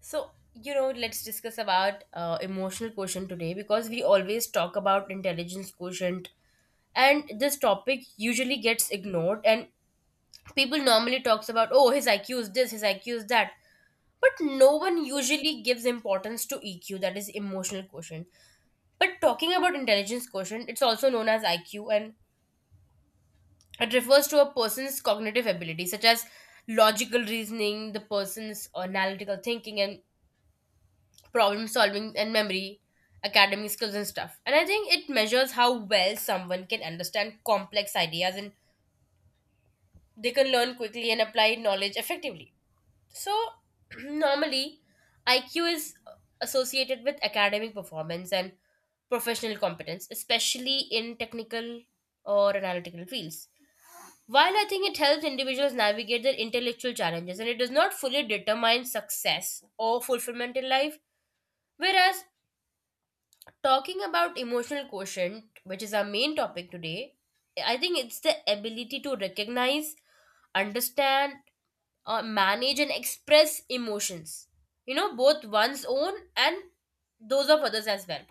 Let's discuss about emotional quotient today, because we always talk about intelligence quotient, and this topic usually gets ignored, and people normally talks about, oh, his IQ is this, his IQ is that. But no one usually gives importance to EQ, that is emotional quotient. But talking about intelligence quotient, it's also known as IQ, and it refers to a person's cognitive ability, such as logical reasoning, the person's analytical thinking and problem solving and memory, academic skills and stuff. And I think it measures how well someone can understand complex ideas and they can learn quickly and apply knowledge effectively. So normally IQ is associated with academic performance and professional competence, especially in technical or analytical fields. While I think it helps individuals navigate their intellectual challenges, and it does not fully determine success or fulfillment in life, whereas talking about emotional quotient, which is our main topic today, I think it's the ability to recognize, understand, manage, and express emotions. Both one's own and those of others as well.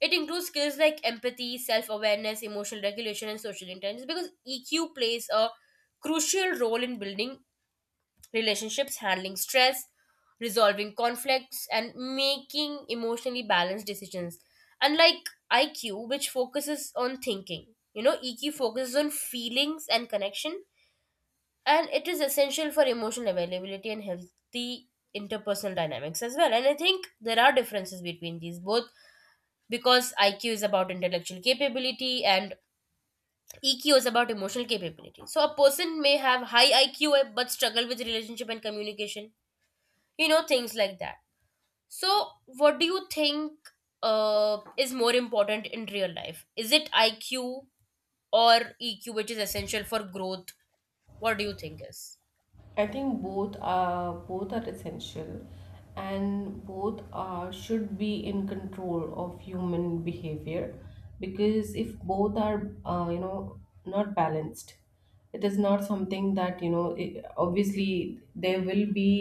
It includes skills like empathy, self awareness, emotional regulation, and social intelligence, because EQ plays a crucial role in building relationships, handling stress, resolving conflicts, and making emotionally balanced decisions. Unlike IQ, which focuses on thinking, EQ focuses on feelings and connection, and it is essential for emotional availability and healthy interpersonal dynamics as well. And I think there are differences between these both, because IQ is about intellectual capability and EQ is about emotional capability. So a person may have high IQ but struggle with relationship and communication. Things like that. So what do you think, is more important in real life? Is it IQ or EQ, which is essential for growth? What do you think is I think both are essential, and both are should be in control of human behavior, because if both are not balanced, it is not something that I obviously there will be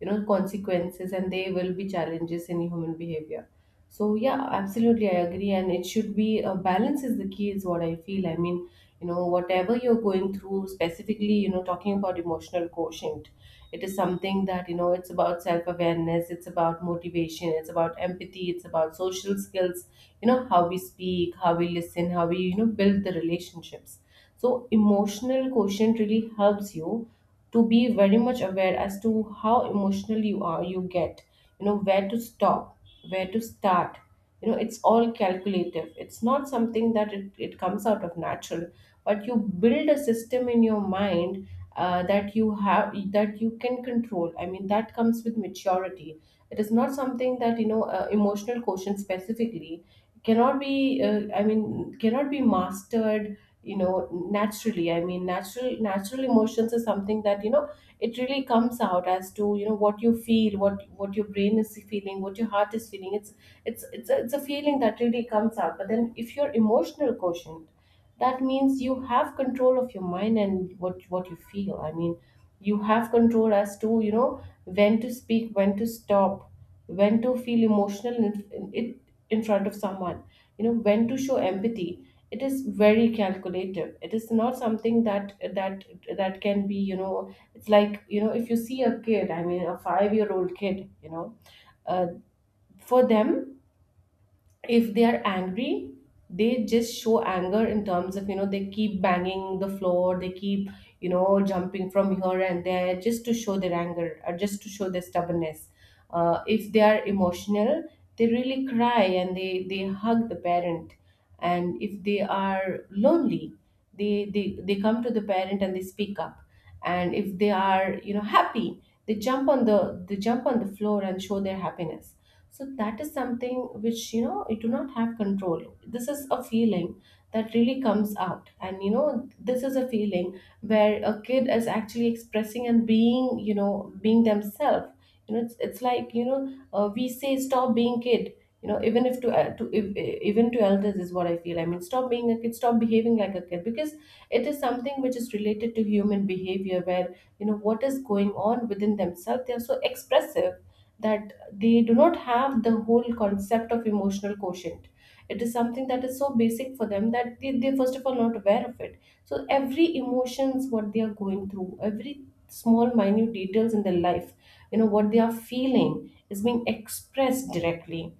consequences, and there will be challenges in human behavior. So yeah, absolutely, I agree, and it should be a balance is the key, is what I feel. Whatever you're going through, specifically, talking about emotional quotient, it is something that it's about self awareness, it's about motivation, it's about empathy, it's about social skills. How we speak, how we listen, how we build the relationships. So emotional quotient really helps you to be very much aware as to how emotional you are, you get, where to stop, where to start. It's all calculative, it's not something that it comes out of natural, but you build a system in your mind, that you have, that you can control. I mean, that comes with maturity. It is not something that emotional quotient specifically cannot be I mean cannot be mastered naturally. I mean, natural emotions is something that it really comes out as to what you feel, what your brain is feeling, what your heart is feeling. It's a feeling that really comes out. But then, if your emotional quotient, that means you have control of your mind and what you feel. I mean, you have control as to when to speak, when to stop, when to feel emotional in, it- in front of someone, you know, when to show empathy. It is very calculative, it is not something that can be, you know. It's like, you know, if you see a kid, I mean a 5-year-old year old kid, you know, uh, for them, if they are angry, they just show anger in terms of, you know, they keep banging the floor, they keep, you know, jumping from here and there just to show their anger or just to show their stubbornness. If they are emotional, they really cry and they hug the parent. And if they are lonely, they come to the parent and they speak up. And if they are, you know, happy, they jump on the floor and show their happiness. So that is something which, you know, you do not have control. This is a feeling that really comes out, and, you know, this is a feeling where a kid is actually expressing and being, you know, being themselves. You know, it's like, you know, we say stop being kid. You know, even if to to if, e, even to elders, is what I feel. I mean, stop being a kid, stop behaving like a kid, because it is something which is related to human behavior, where, you know, what is going on within themselves, they are so expressive, that they do not have the whole concept of emotional quotient. It is something that is so basic for them that they first of all not aware of it. So every emotions what they are going through, every small minute details in their life, you know, what they are feeling is being expressed directly.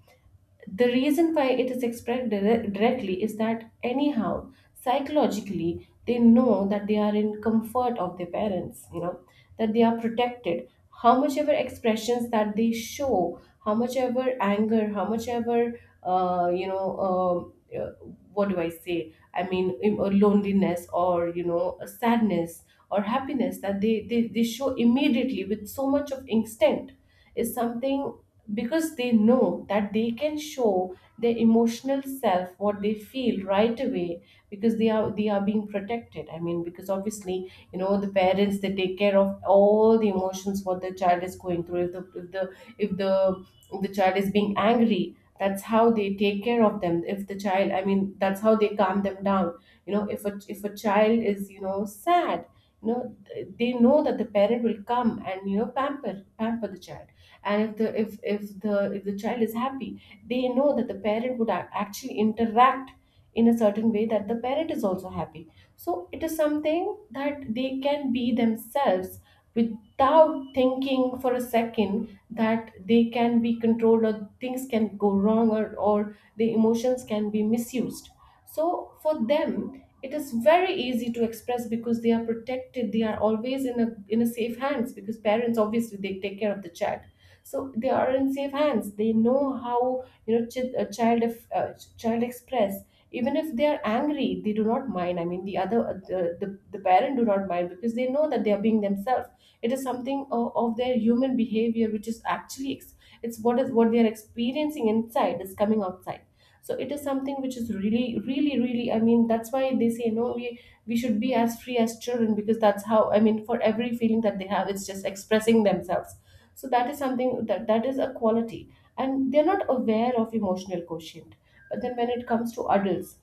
The reason why it is expressed directly is that anyhow, psychologically, they know that they are in comfort of their parents, you know, that they are protected. How much ever expressions that they show, how much ever anger, how much ever um, uh, what do I say. I mean loneliness, or, you know, sadness, or happiness, that they show immediately with so much of instinct, is something, because they know that they can show their emotional self what they feel right away, because they are being protected. I mean, because obviously, you know, the parents, they take care of all the emotions what the child is going through. If the if the if the if the child is being angry, that's how they take care of them. If the child, I mean, that's how they calm them down. You know, if a child is, you know, sad, you know, they know that the parent will come and, you know, pamper the child. And if the child is happy, they know that the parent would actually interact in a certain way that the parent is also happy. So it is something that they can be themselves without thinking for a second that they can be controlled, or things can go wrong, or the emotions can be misused. So for them it is very easy to express, because they are protected, they are always in a safe hands, because parents obviously they take care of the child. So they are in safe hands. They know how, you know, child if, ch- child express, even if they are angry, they do not mind. I mean the other the parent do not mind, because they know that they are being themselves. It is something of their human behavior, which is actually it's what is what they are experiencing inside is coming outside. So it is something which is really really really, I mean, that's why they say no, we should be as free as children, because that's how, I mean, for every feeling that they have, it's just expressing themselves. So that is something that is a quality, and they're not aware of emotional quotient. But then when it comes to adults,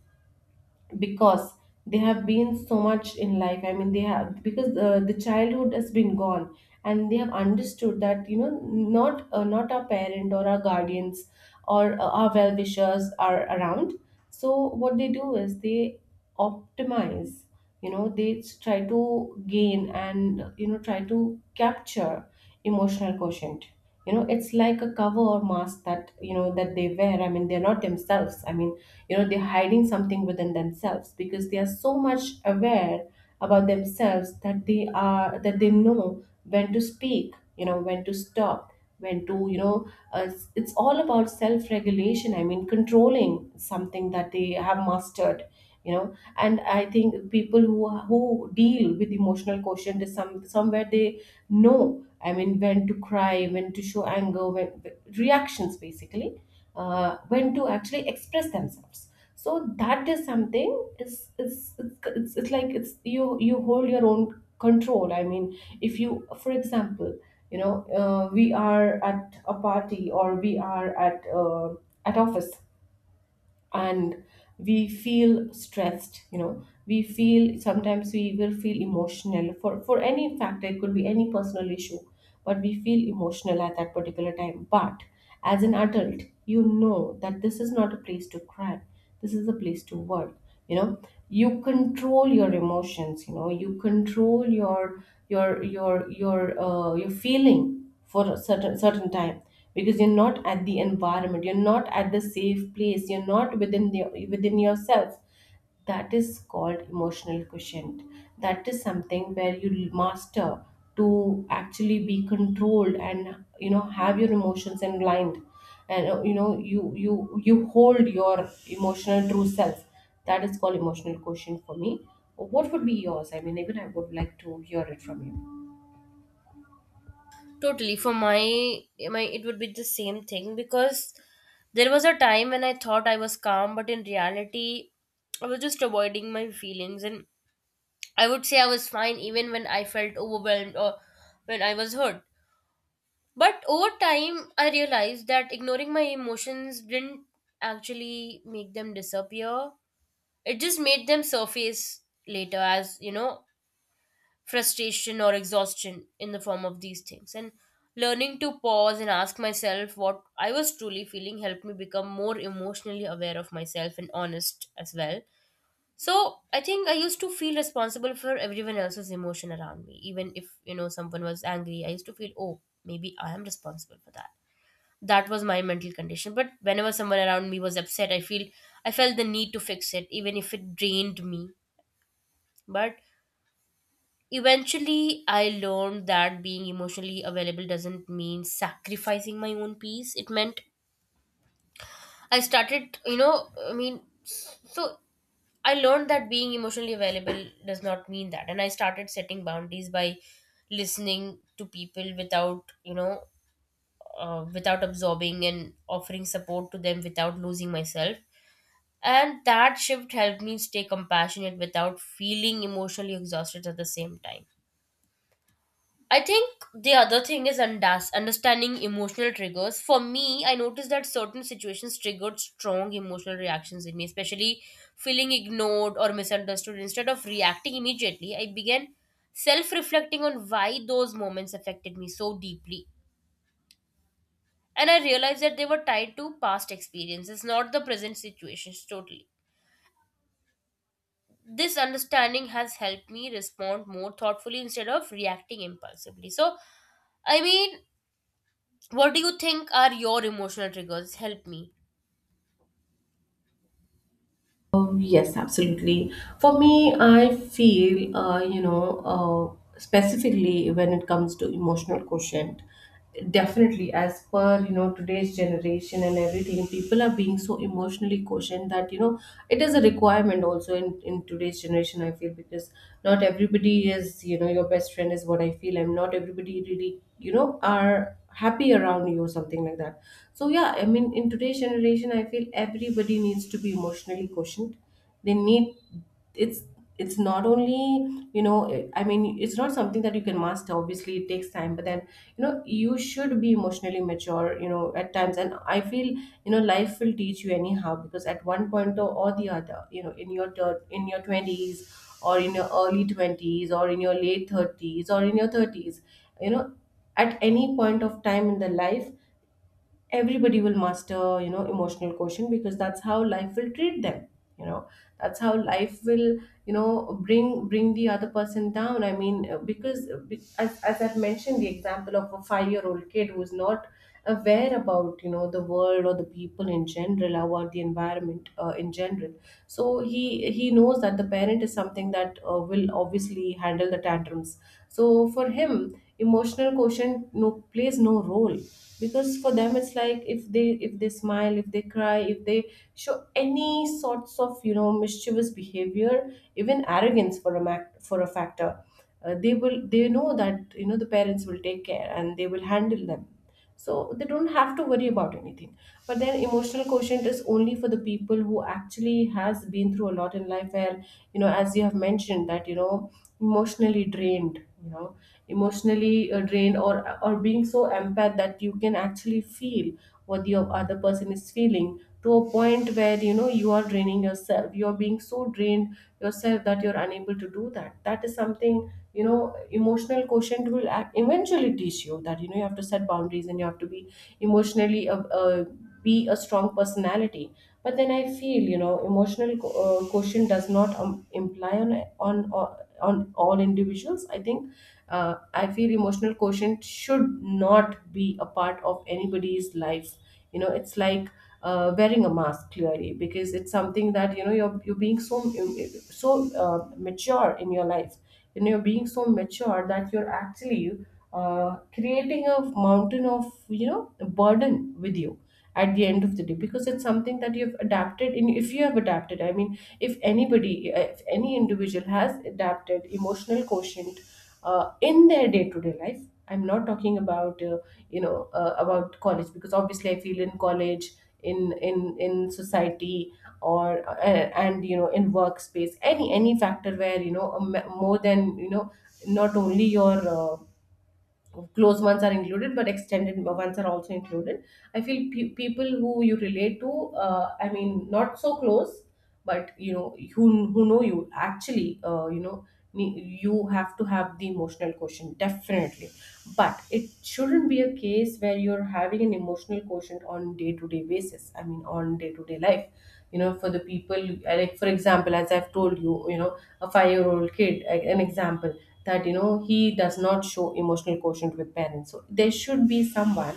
because they have been so much in life, I mean, they have, because the childhood has been gone, and they have understood that, you know, not our parent or our guardians, or our well wishers, are around. So what they do is they optimize, you know, they try to gain and, you know, try to capture emotional quotient. You know, it's like a cover or mask that, you know, that they wear. I mean, they're not themselves. I mean, you know, they're hiding something within themselves, because they are so much aware about themselves that they are that they know when to speak, you know, when to stop, when to, you know, it's all about self regulation. I mean, controlling something that they have mastered, you know. And I think people who deal with emotional quotient is somewhere they know. I mean, when to cry, when to show anger, when, reactions basically, when to actually express themselves. So that is something, is it's like, it's you hold your own control. I mean, if you, for example, you know, we are at a party, or we are at office, and we feel stressed, you know, we feel sometimes, we will feel emotional for any factor, it could be any personal issue. But we feel emotional at that particular time. But as an adult, you know that this is not a place to cry, this is a place to work. You know, you control your emotions, you know, you control your feeling for a certain time, because you're not at the environment, you're not at the safe place, you're not within the within yourself. That is called emotional quotient. That is something where you master to actually be controlled and, you know, have your emotions in line. And you know, you hold your emotional true self. That is called emotional quotient for me. What would be yours? I mean, even I would like to hear it from you. totally for my, my it would be the same thing? Because there was a time when I thought I was calm, but in reality I was just avoiding my feelings, and I would say I was fine even when I felt overwhelmed or when I was hurt. But over time, I realized that ignoring my emotions didn't actually make them disappear. It just made them surface later as, frustration or exhaustion in the form of these things. And learning to pause and ask myself what I was truly feeling helped me become more emotionally aware of myself and honest as well. So I think I used to feel responsible for everyone else's emotion around me. Even if, someone was angry, I used to feel, oh, maybe I am responsible for that. That was my mental condition. But whenever someone around me was upset, I feel I felt the need to fix it even if it drained me. But eventually I learned that being emotionally available doesn't mean sacrificing my own peace. It meant I started, I mean, so I learned that being emotionally available does not mean that, and I started setting boundaries by listening to people without without absorbing and offering support to them without losing myself. And that shift helped me stay compassionate without feeling emotionally exhausted at the same time. I think the other thing is understanding emotional triggers. For me, I noticed that certain situations triggered strong emotional reactions in me, especially feeling ignored or misunderstood. Instead of reacting immediately, I began self reflecting on why those moments affected me so deeply. And I realized that they were tied to past experiences, not the present situations totally. This understanding has helped me respond more thoughtfully instead of reacting impulsively. So I mean, what do you think are your emotional triggers? Help me. Oh, yes, absolutely. For me, I feel, you know, specifically when it comes to emotional quotient, definitely, as per, you know, today's generation and everything, people are being so emotionally quotient that, you know, it is a requirement also in today's generation, I feel, because not everybody is, you know, your best friend, is what I feel, and not everybody really, you know, are happy around you or something like that. So, yeah, I mean, in today's generation, I feel everybody needs to be emotionally quotient. They need, it's not only, you know, I mean, it's not something that you can master. Obviously, it takes time. But then, you know, you should be emotionally mature. At times, and I feel, life will teach you anyhow, because at one point or the other, in your in your twenties, or in your early 20s, or in your late 30s, or in your thirties, you know at any point of time in the life, everybody will master, emotional quotient, because that's how life will treat them. You know that's how life will, bring the other person down. I mean, because as I've mentioned the example of a 5-year old kid who's not aware about, the world, or the people in general, about the environment, in general. So he knows that the parent is something that will obviously handle the tantrums. So for him, emotional quotient, no, plays no role, because for them it's like, if they smile, if they cry, if they show any sorts of, mischievous behavior, even arrogance for a for a factor. They know that, the parents will take care and they will handle them, so they don't have to worry about anything. But then, emotional quotient is only for the people who actually has been through a lot in life, where, as you have mentioned, that, emotionally drained, you know emotionally drained, or being so empath that you can actually feel what the other person is feeling, to a point where, you are draining yourself, you are being so drained yourself that you're unable to do that. That is something, you know emotional quotient will eventually teach you that, you have to set boundaries, and you have to be emotionally, be a strong personality. But then I feel, emotional quotient does not, imply on on all individuals, I think. I feel emotional quotient should not be a part of anybody's life. It's like, wearing a mask, clearly, because it's something that, you're being so mature in your life. And you're being so mature that you're actually, creating a mountain of, burden with you, at the end of the day, because it's something that you've adapted in, if you have adapted, I mean, if anybody, if any individual has adapted emotional quotient, in their day-to-day life. I'm not talking about, about college, because obviously I feel, in college, in society, or, and, in workspace, any factor where, a more than, not only your, close ones are included, but extended ones are also included. I feel, people who you relate to, I mean, not so close, but, who know you actually, you have to have the emotional quotient, definitely. But it shouldn't be a case where you're having an emotional quotient on day to day basis, I mean, on day to day life, for the people, like, for example, as I've told you, you know a 5-year-old kid, an example, that, he does not show emotional quotient with parents. So there should be someone,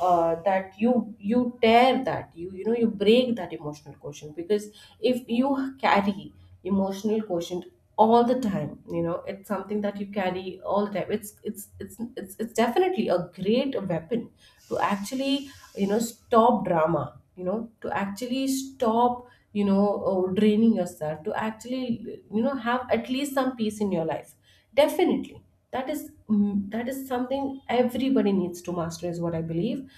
that you tear, that you break that emotional quotient, because if you carry emotional quotient all the time, it's something that you carry all the time. It's definitely a great weapon, to actually, stop drama, to actually stop, draining yourself, to actually, have at least some peace in your life, definitely. That is, that is something everybody needs to master, is what I believe.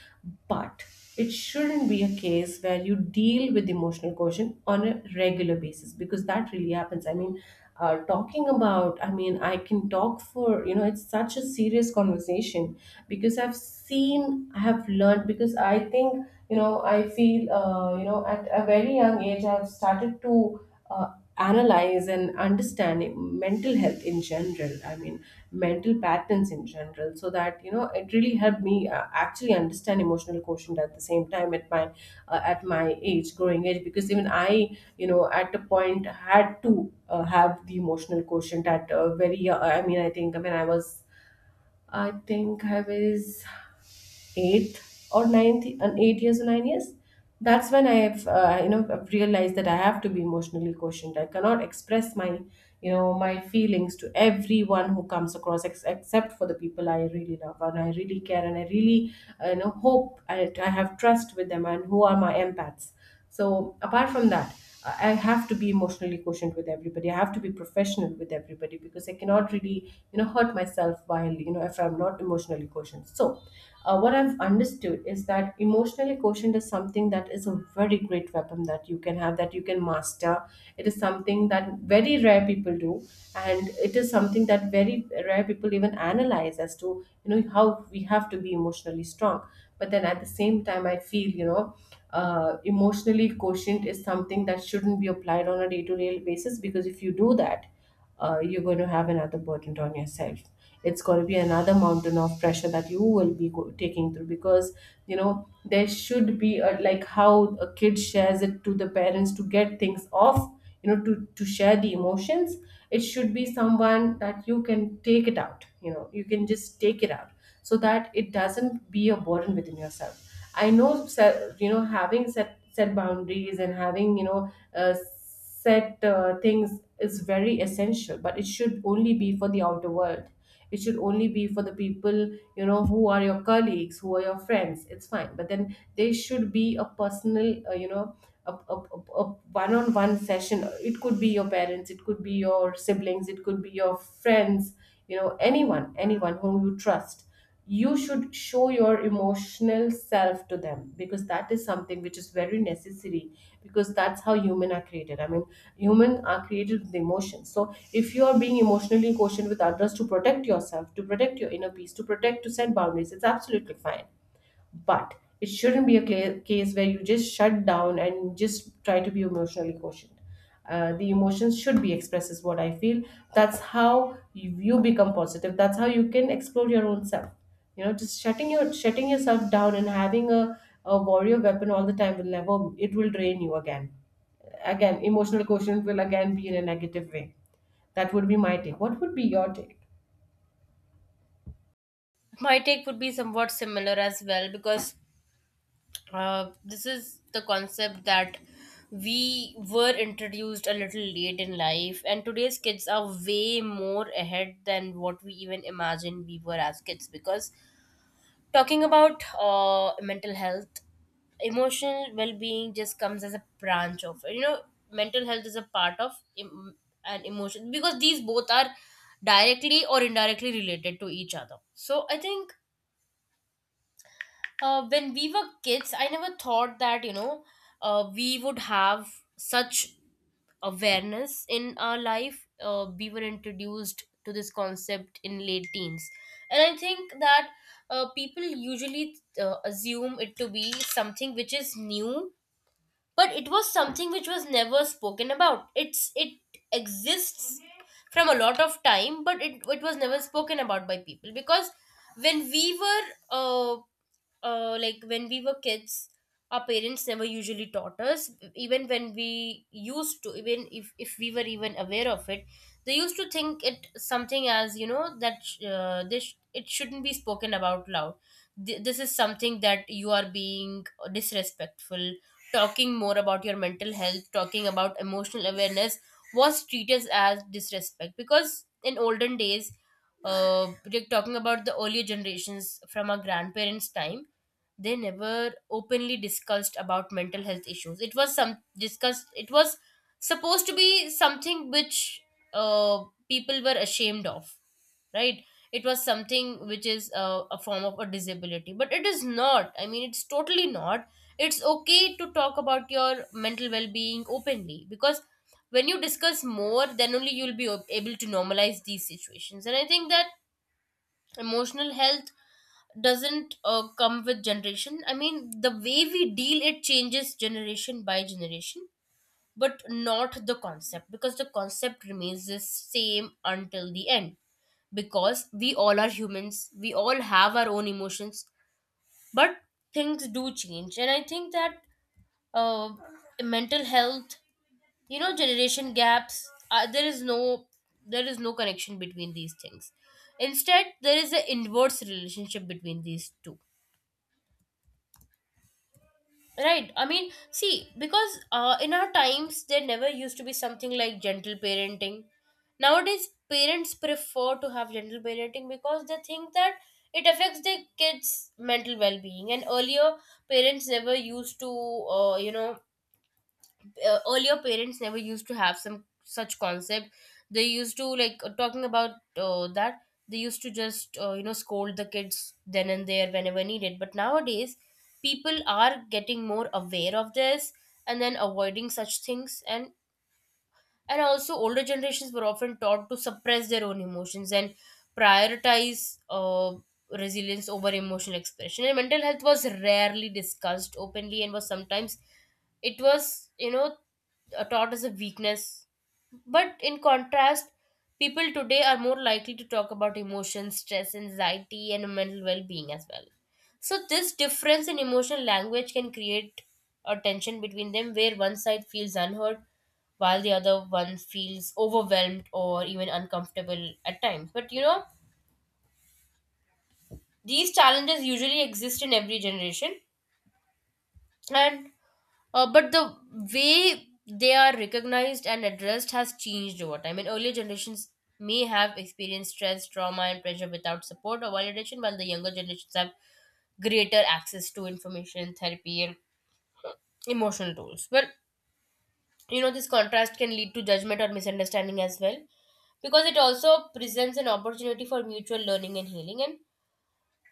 But it shouldn't be a case where you deal with emotional quotient on a regular basis, because that really happens. I mean, talking about, I mean, I can talk for, it's such a serious conversation, because I've seen, I have learned. Because I think, I feel, at a very young age I've started to, uh, analyze and understand mental health in general. I mean, mental patterns in general, so that, it really helped me, actually understand emotional quotient. At the same time, it might, at my age, growing age, because even I, at a point had to, have the emotional quotient at a very, I mean, I think when I was eighth or ninth, and 8 years or 9 years, that's when I have, I've realized that I have to be emotionally quotient. I cannot express my, my feelings to everyone who comes across, except for the people I really love, and I really care, and I really, hope I have trust with them, and who are my empaths. So apart from that, I have to be emotionally quotient with everybody. I have to be professional with everybody, because I cannot really, hurt myself while, if I'm not emotionally quotient. So, what I've understood is that emotionally quotient is something that is a very great weapon, that you can have, that you can master. It is something that very rare people do, and it is something that very rare people even analyze as to, how we have to be emotionally strong. But then at the same time, I feel, emotionally quotient is something that shouldn't be applied on a day-to-day basis, because if you do that, you're going to have another burden on yourself. It's going to be another mountain of pressure that you will be taking through, because, there should be a, like how a kid shares it to the parents to get things off, to share the emotions. It should be someone that you can take it out, you can just take it out, so that it doesn't be a burden within yourself. I know, set, having set boundaries, and having, set, things is very essential, but it should only be for the outer world. It should only be for the people, who are your colleagues, who are your friends. It's fine. But then there should be a personal, a one-on-one session. It could be your parents, it could be your siblings, it could be your friends, anyone whom you trust. You should show your emotional self to them, because that is something which is very necessary, because that's how human are created. I mean, human are created with emotions. So if you are being emotionally quotient with others to protect yourself, to protect your inner peace, to protect, to set boundaries, it's absolutely fine. But it shouldn't be a clear case where you just shut down and just try to be emotionally quotient. The emotions should be expressed, is what I feel. That's how you become positive. That's how you can explore your own self. Just shutting yourself down, and having a warrior weapon all the time will never. It will drain you again. Again, emotional quotient will again be in a negative way. That would be my take. What would be your take? My take would be somewhat similar as well, because this is the concept that we were introduced a little late in life, and today's kids are way more ahead than what we even imagined we were as kids. Because talking about mental health, emotional well-being just comes as a branch of, mental health is a part of em- an emotion, because these both are directly or indirectly related to each other. So I think when we were kids, I never thought that we would have such awareness in our life. We were introduced to this concept in late teens, and I think that people usually assume it to be something which is new, but it was something which was never spoken about. It exists from a lot of time, but it was never spoken about by people. Because when we were uh, like when we were kids, our parents never usually taught us, even when we used to, even if we were even aware of it, they used to think it something as, that this, it shouldn't be spoken about loud. This is something that you are being disrespectful. Talking more about your mental health, talking about emotional awareness was treated as disrespect, because in olden days, uh, like talking about the earlier generations from our grandparents' time, they never openly discussed about mental health issues. It was some discussed, it was supposed to be something which people were ashamed of, right? It was something which is a form of a disability, but it is not. I mean, it's totally not. It's okay to talk about your mental well-being openly, because when you discuss more, then only you'll be able to normalize these situations. And I think that emotional health doesn't come with generation. I mean, the way we deal it changes generation by generation, but not the concept, because the concept remains the same until the end, because we all are humans, we all have our own emotions. But things do change, and I think that uh, mental health, generation gaps, there is no there is no connection between these things. Instead, there is an inverse relationship between these two. Right. I mean, see, because in our times, there never used to be something like gentle parenting. Nowadays, parents prefer to have gentle parenting because they think that it affects their kids' mental well being. And earlier, parents never used to, earlier parents never used to have some such concept. They used to, like, talking about that, they used to just, scold the kids then and there whenever needed. But nowadays people are getting more aware of this, and then avoiding such things. And also, older generations were often taught to suppress their own emotions and prioritize resilience over emotional expression, and mental health was rarely discussed openly, and was sometimes, it was, taught as a weakness. But in contrast, people today are more likely to talk about emotions, stress, anxiety, and mental well-being as well. So this difference in emotional language can create a tension between them, where one side feels unheard while the other one feels overwhelmed or even uncomfortable at times. But these challenges usually exist in every generation, and but the way they are recognized and addressed has changed over time. And earlier generations may have experienced stress, trauma, and pressure without support or validation, while the younger generations have greater access to information, therapy, and emotional tools. Well, this contrast can lead to judgment or misunderstanding as well, because it also presents an opportunity for mutual learning and healing. And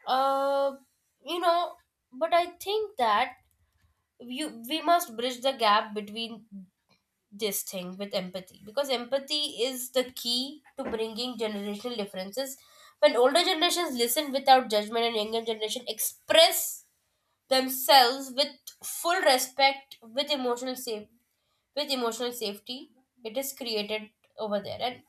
uh you know but I think that you we must bridge the gap between this thing with empathy, because empathy is the key to bringing generational differences. When older generations listen without judgment and younger generation express themselves with full respect, with emotional safe with emotional safety, it is created over there. And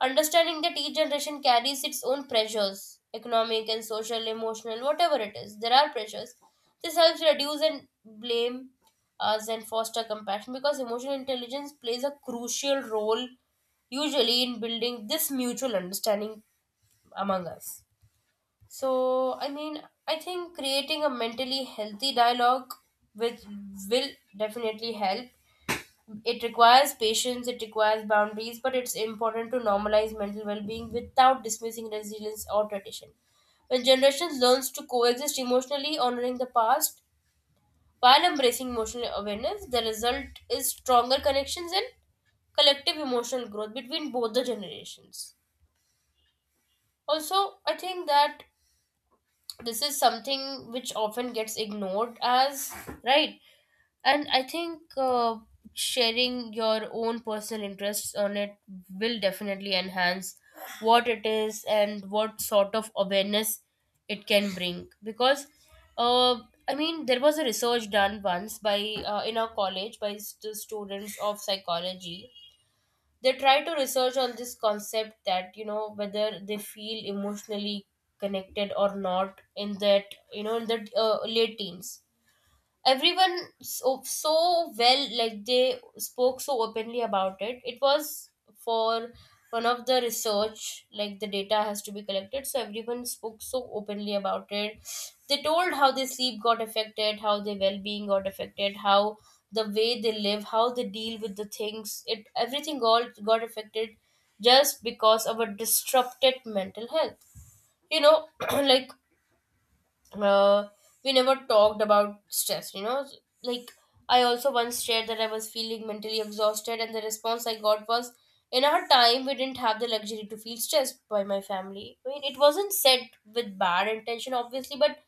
understanding that each generation carries its own pressures, economic and social, emotional, whatever it is, there are pressures, this helps reduce and blame us and foster compassion, because emotional intelligence plays a crucial role usually in building this mutual understanding among us. So I mean, I think creating a mentally healthy dialogue with will definitely help. It requires patience, it requires boundaries, but it's important to normalize mental well being without dismissing resilience or tradition. When generations learns to coexist emotionally, honoring the past while embracing emotional awareness, the result is stronger connections and collective emotional growth between both the generations. Also, I think that this is something which often gets ignored as, right. And I think sharing your own personal interests on it will definitely enhance what it is and what sort of awareness it can bring. Because, uh, I mean, there was a research done once by in our college by students of psychology. They try to research on this concept, that whether they feel emotionally connected or not in that, in that late teens. Everyone so, so well, like, they spoke so openly about it. It was for one of the research, like the data has to be collected, so everyone spoke so openly about it. They told how their sleep got affected, how their well-being got affected, how the way they live, how they deal with the things, it everything all got affected just because of a disrupted mental health, like, uh, we never talked about stress, like, I also once shared that I was feeling mentally exhausted, and the response I got was, in our time we didn't have the luxury to feel stressed, by my family. I mean, it wasn't said with bad intention obviously, but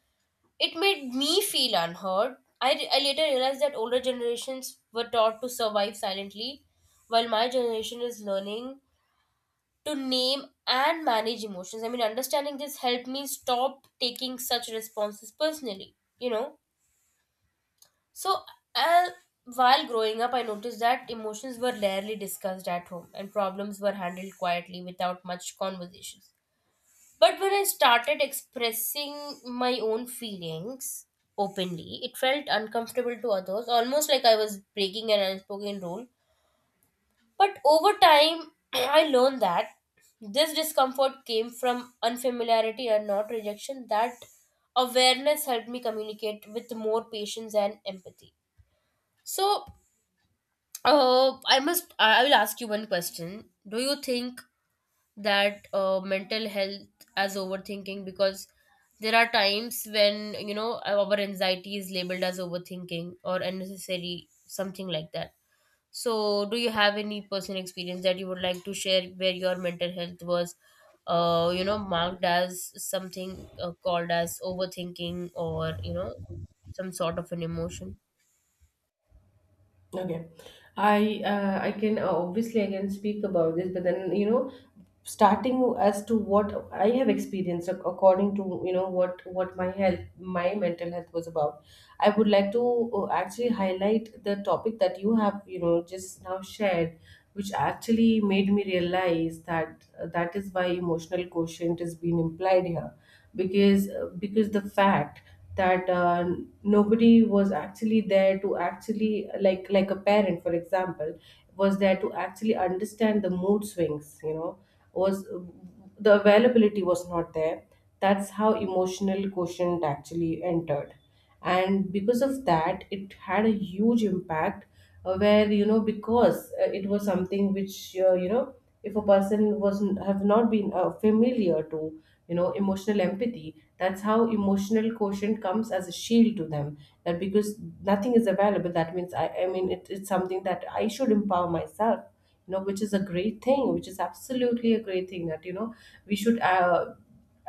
it made me feel unheard. I later realized that older generations were taught to survive silently while my generation is learning to name and manage emotions. I mean, understanding this helped me stop taking such responses personally, So, uh, while growing up, I noticed that emotions were rarely discussed at home, and problems were handled quietly without much conversations. But when I started expressing my own feelings openly, it felt uncomfortable to others, almost like I was breaking an unspoken rule. But over time, I learned that this discomfort came from unfamiliarity and not rejection. That awareness helped me communicate with more patience and empathy. So, I must, I will ask you one question. Do you think that mental health as overthinking? Because there are times when, our anxiety is labeled as overthinking or unnecessary, something like that. So, do you have any personal experience that you would like to share where your mental health was, marked as something called as overthinking, or, some sort of an emotion? Okay, I can, obviously I can speak about this. But then, starting as to what I have experienced, according to, what my health, my mental health was about. I would like to, actually highlight the topic that you have, just now shared, which actually made me realize that, that is why emotional quotient is being implied here. Because, because the fact that, nobody was actually there, to actually, like a parent for example was there to actually understand the mood swings, was, the availability was not there. That's how emotional quotient actually entered, and because of that it had a huge impact, where, because, it was something which, if a person was have not been, familiar to, emotional empathy, that's how emotional quotient comes as a shield to them. That, because nothing is available, that means, I mean, it's something that I should empower myself, which is a great thing, which is absolutely a great thing, that, we should,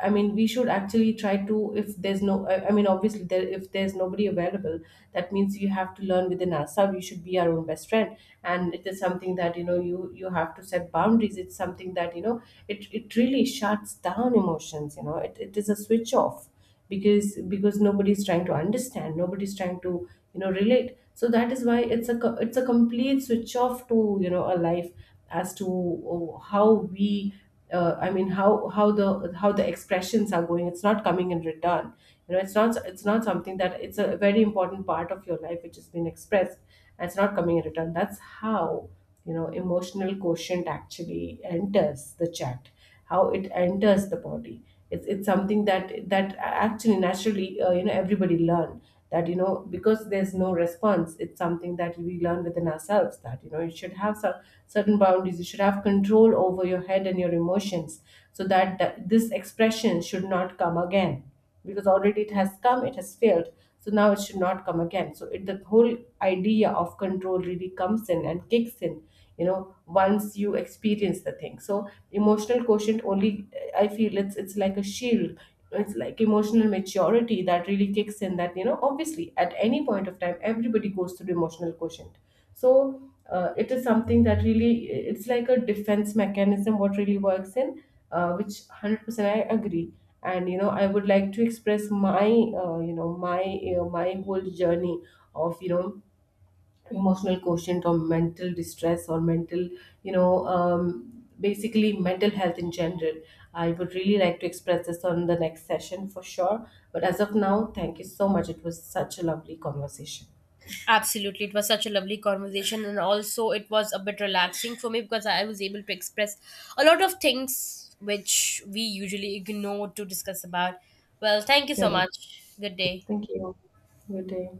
I mean, we should actually try to, if there's no, I mean, obviously, there, if there's nobody available, that means you have to learn within ourselves. We should be our own best friend, and it is something that, you have to set boundaries. It's something that, it really shuts down emotions. It is a switch off, because nobody's trying to understand, nobody's trying to, relate. So that is why it's a it's a complete switch off to, a life, as to, oh, how we, I mean, how the expressions are going, it's not coming in return, it's not something that, it's a very important part of your life which has been expressed, and it's not coming in return. That's how, emotional quotient actually enters the chat, how it enters the body. It's something that, that actually naturally, everybody learn that, because there's no response, it's something that we learn within ourselves, that, you should have some certain boundaries, you should have control over your head and your emotions, so that, that this expression should not come again. Because already it has come, it has failed, so now it should not come again. So it, the whole idea of control really comes in and kicks in, once you experience the thing. So emotional quotient only, I feel, it's, like a shield, it's like emotional maturity that really kicks in, that, obviously at any point of time everybody goes through emotional quotient. So, it is something that really, it's like a defense mechanism what really works in, which 100% I agree. And, I would like to express my, my, my whole journey of, emotional quotient, or mental distress, or mental, basically mental health in general. I would really like to express this on the next session, for sure. But as of now, thank you so much, it was such a lovely conversation. Absolutely. It was such a lovely conversation. And also, it was a bit relaxing for me because I was able to express a lot of things which we usually ignore to discuss about. Well, thank you so Yeah, much. Good day. thank you. Good day.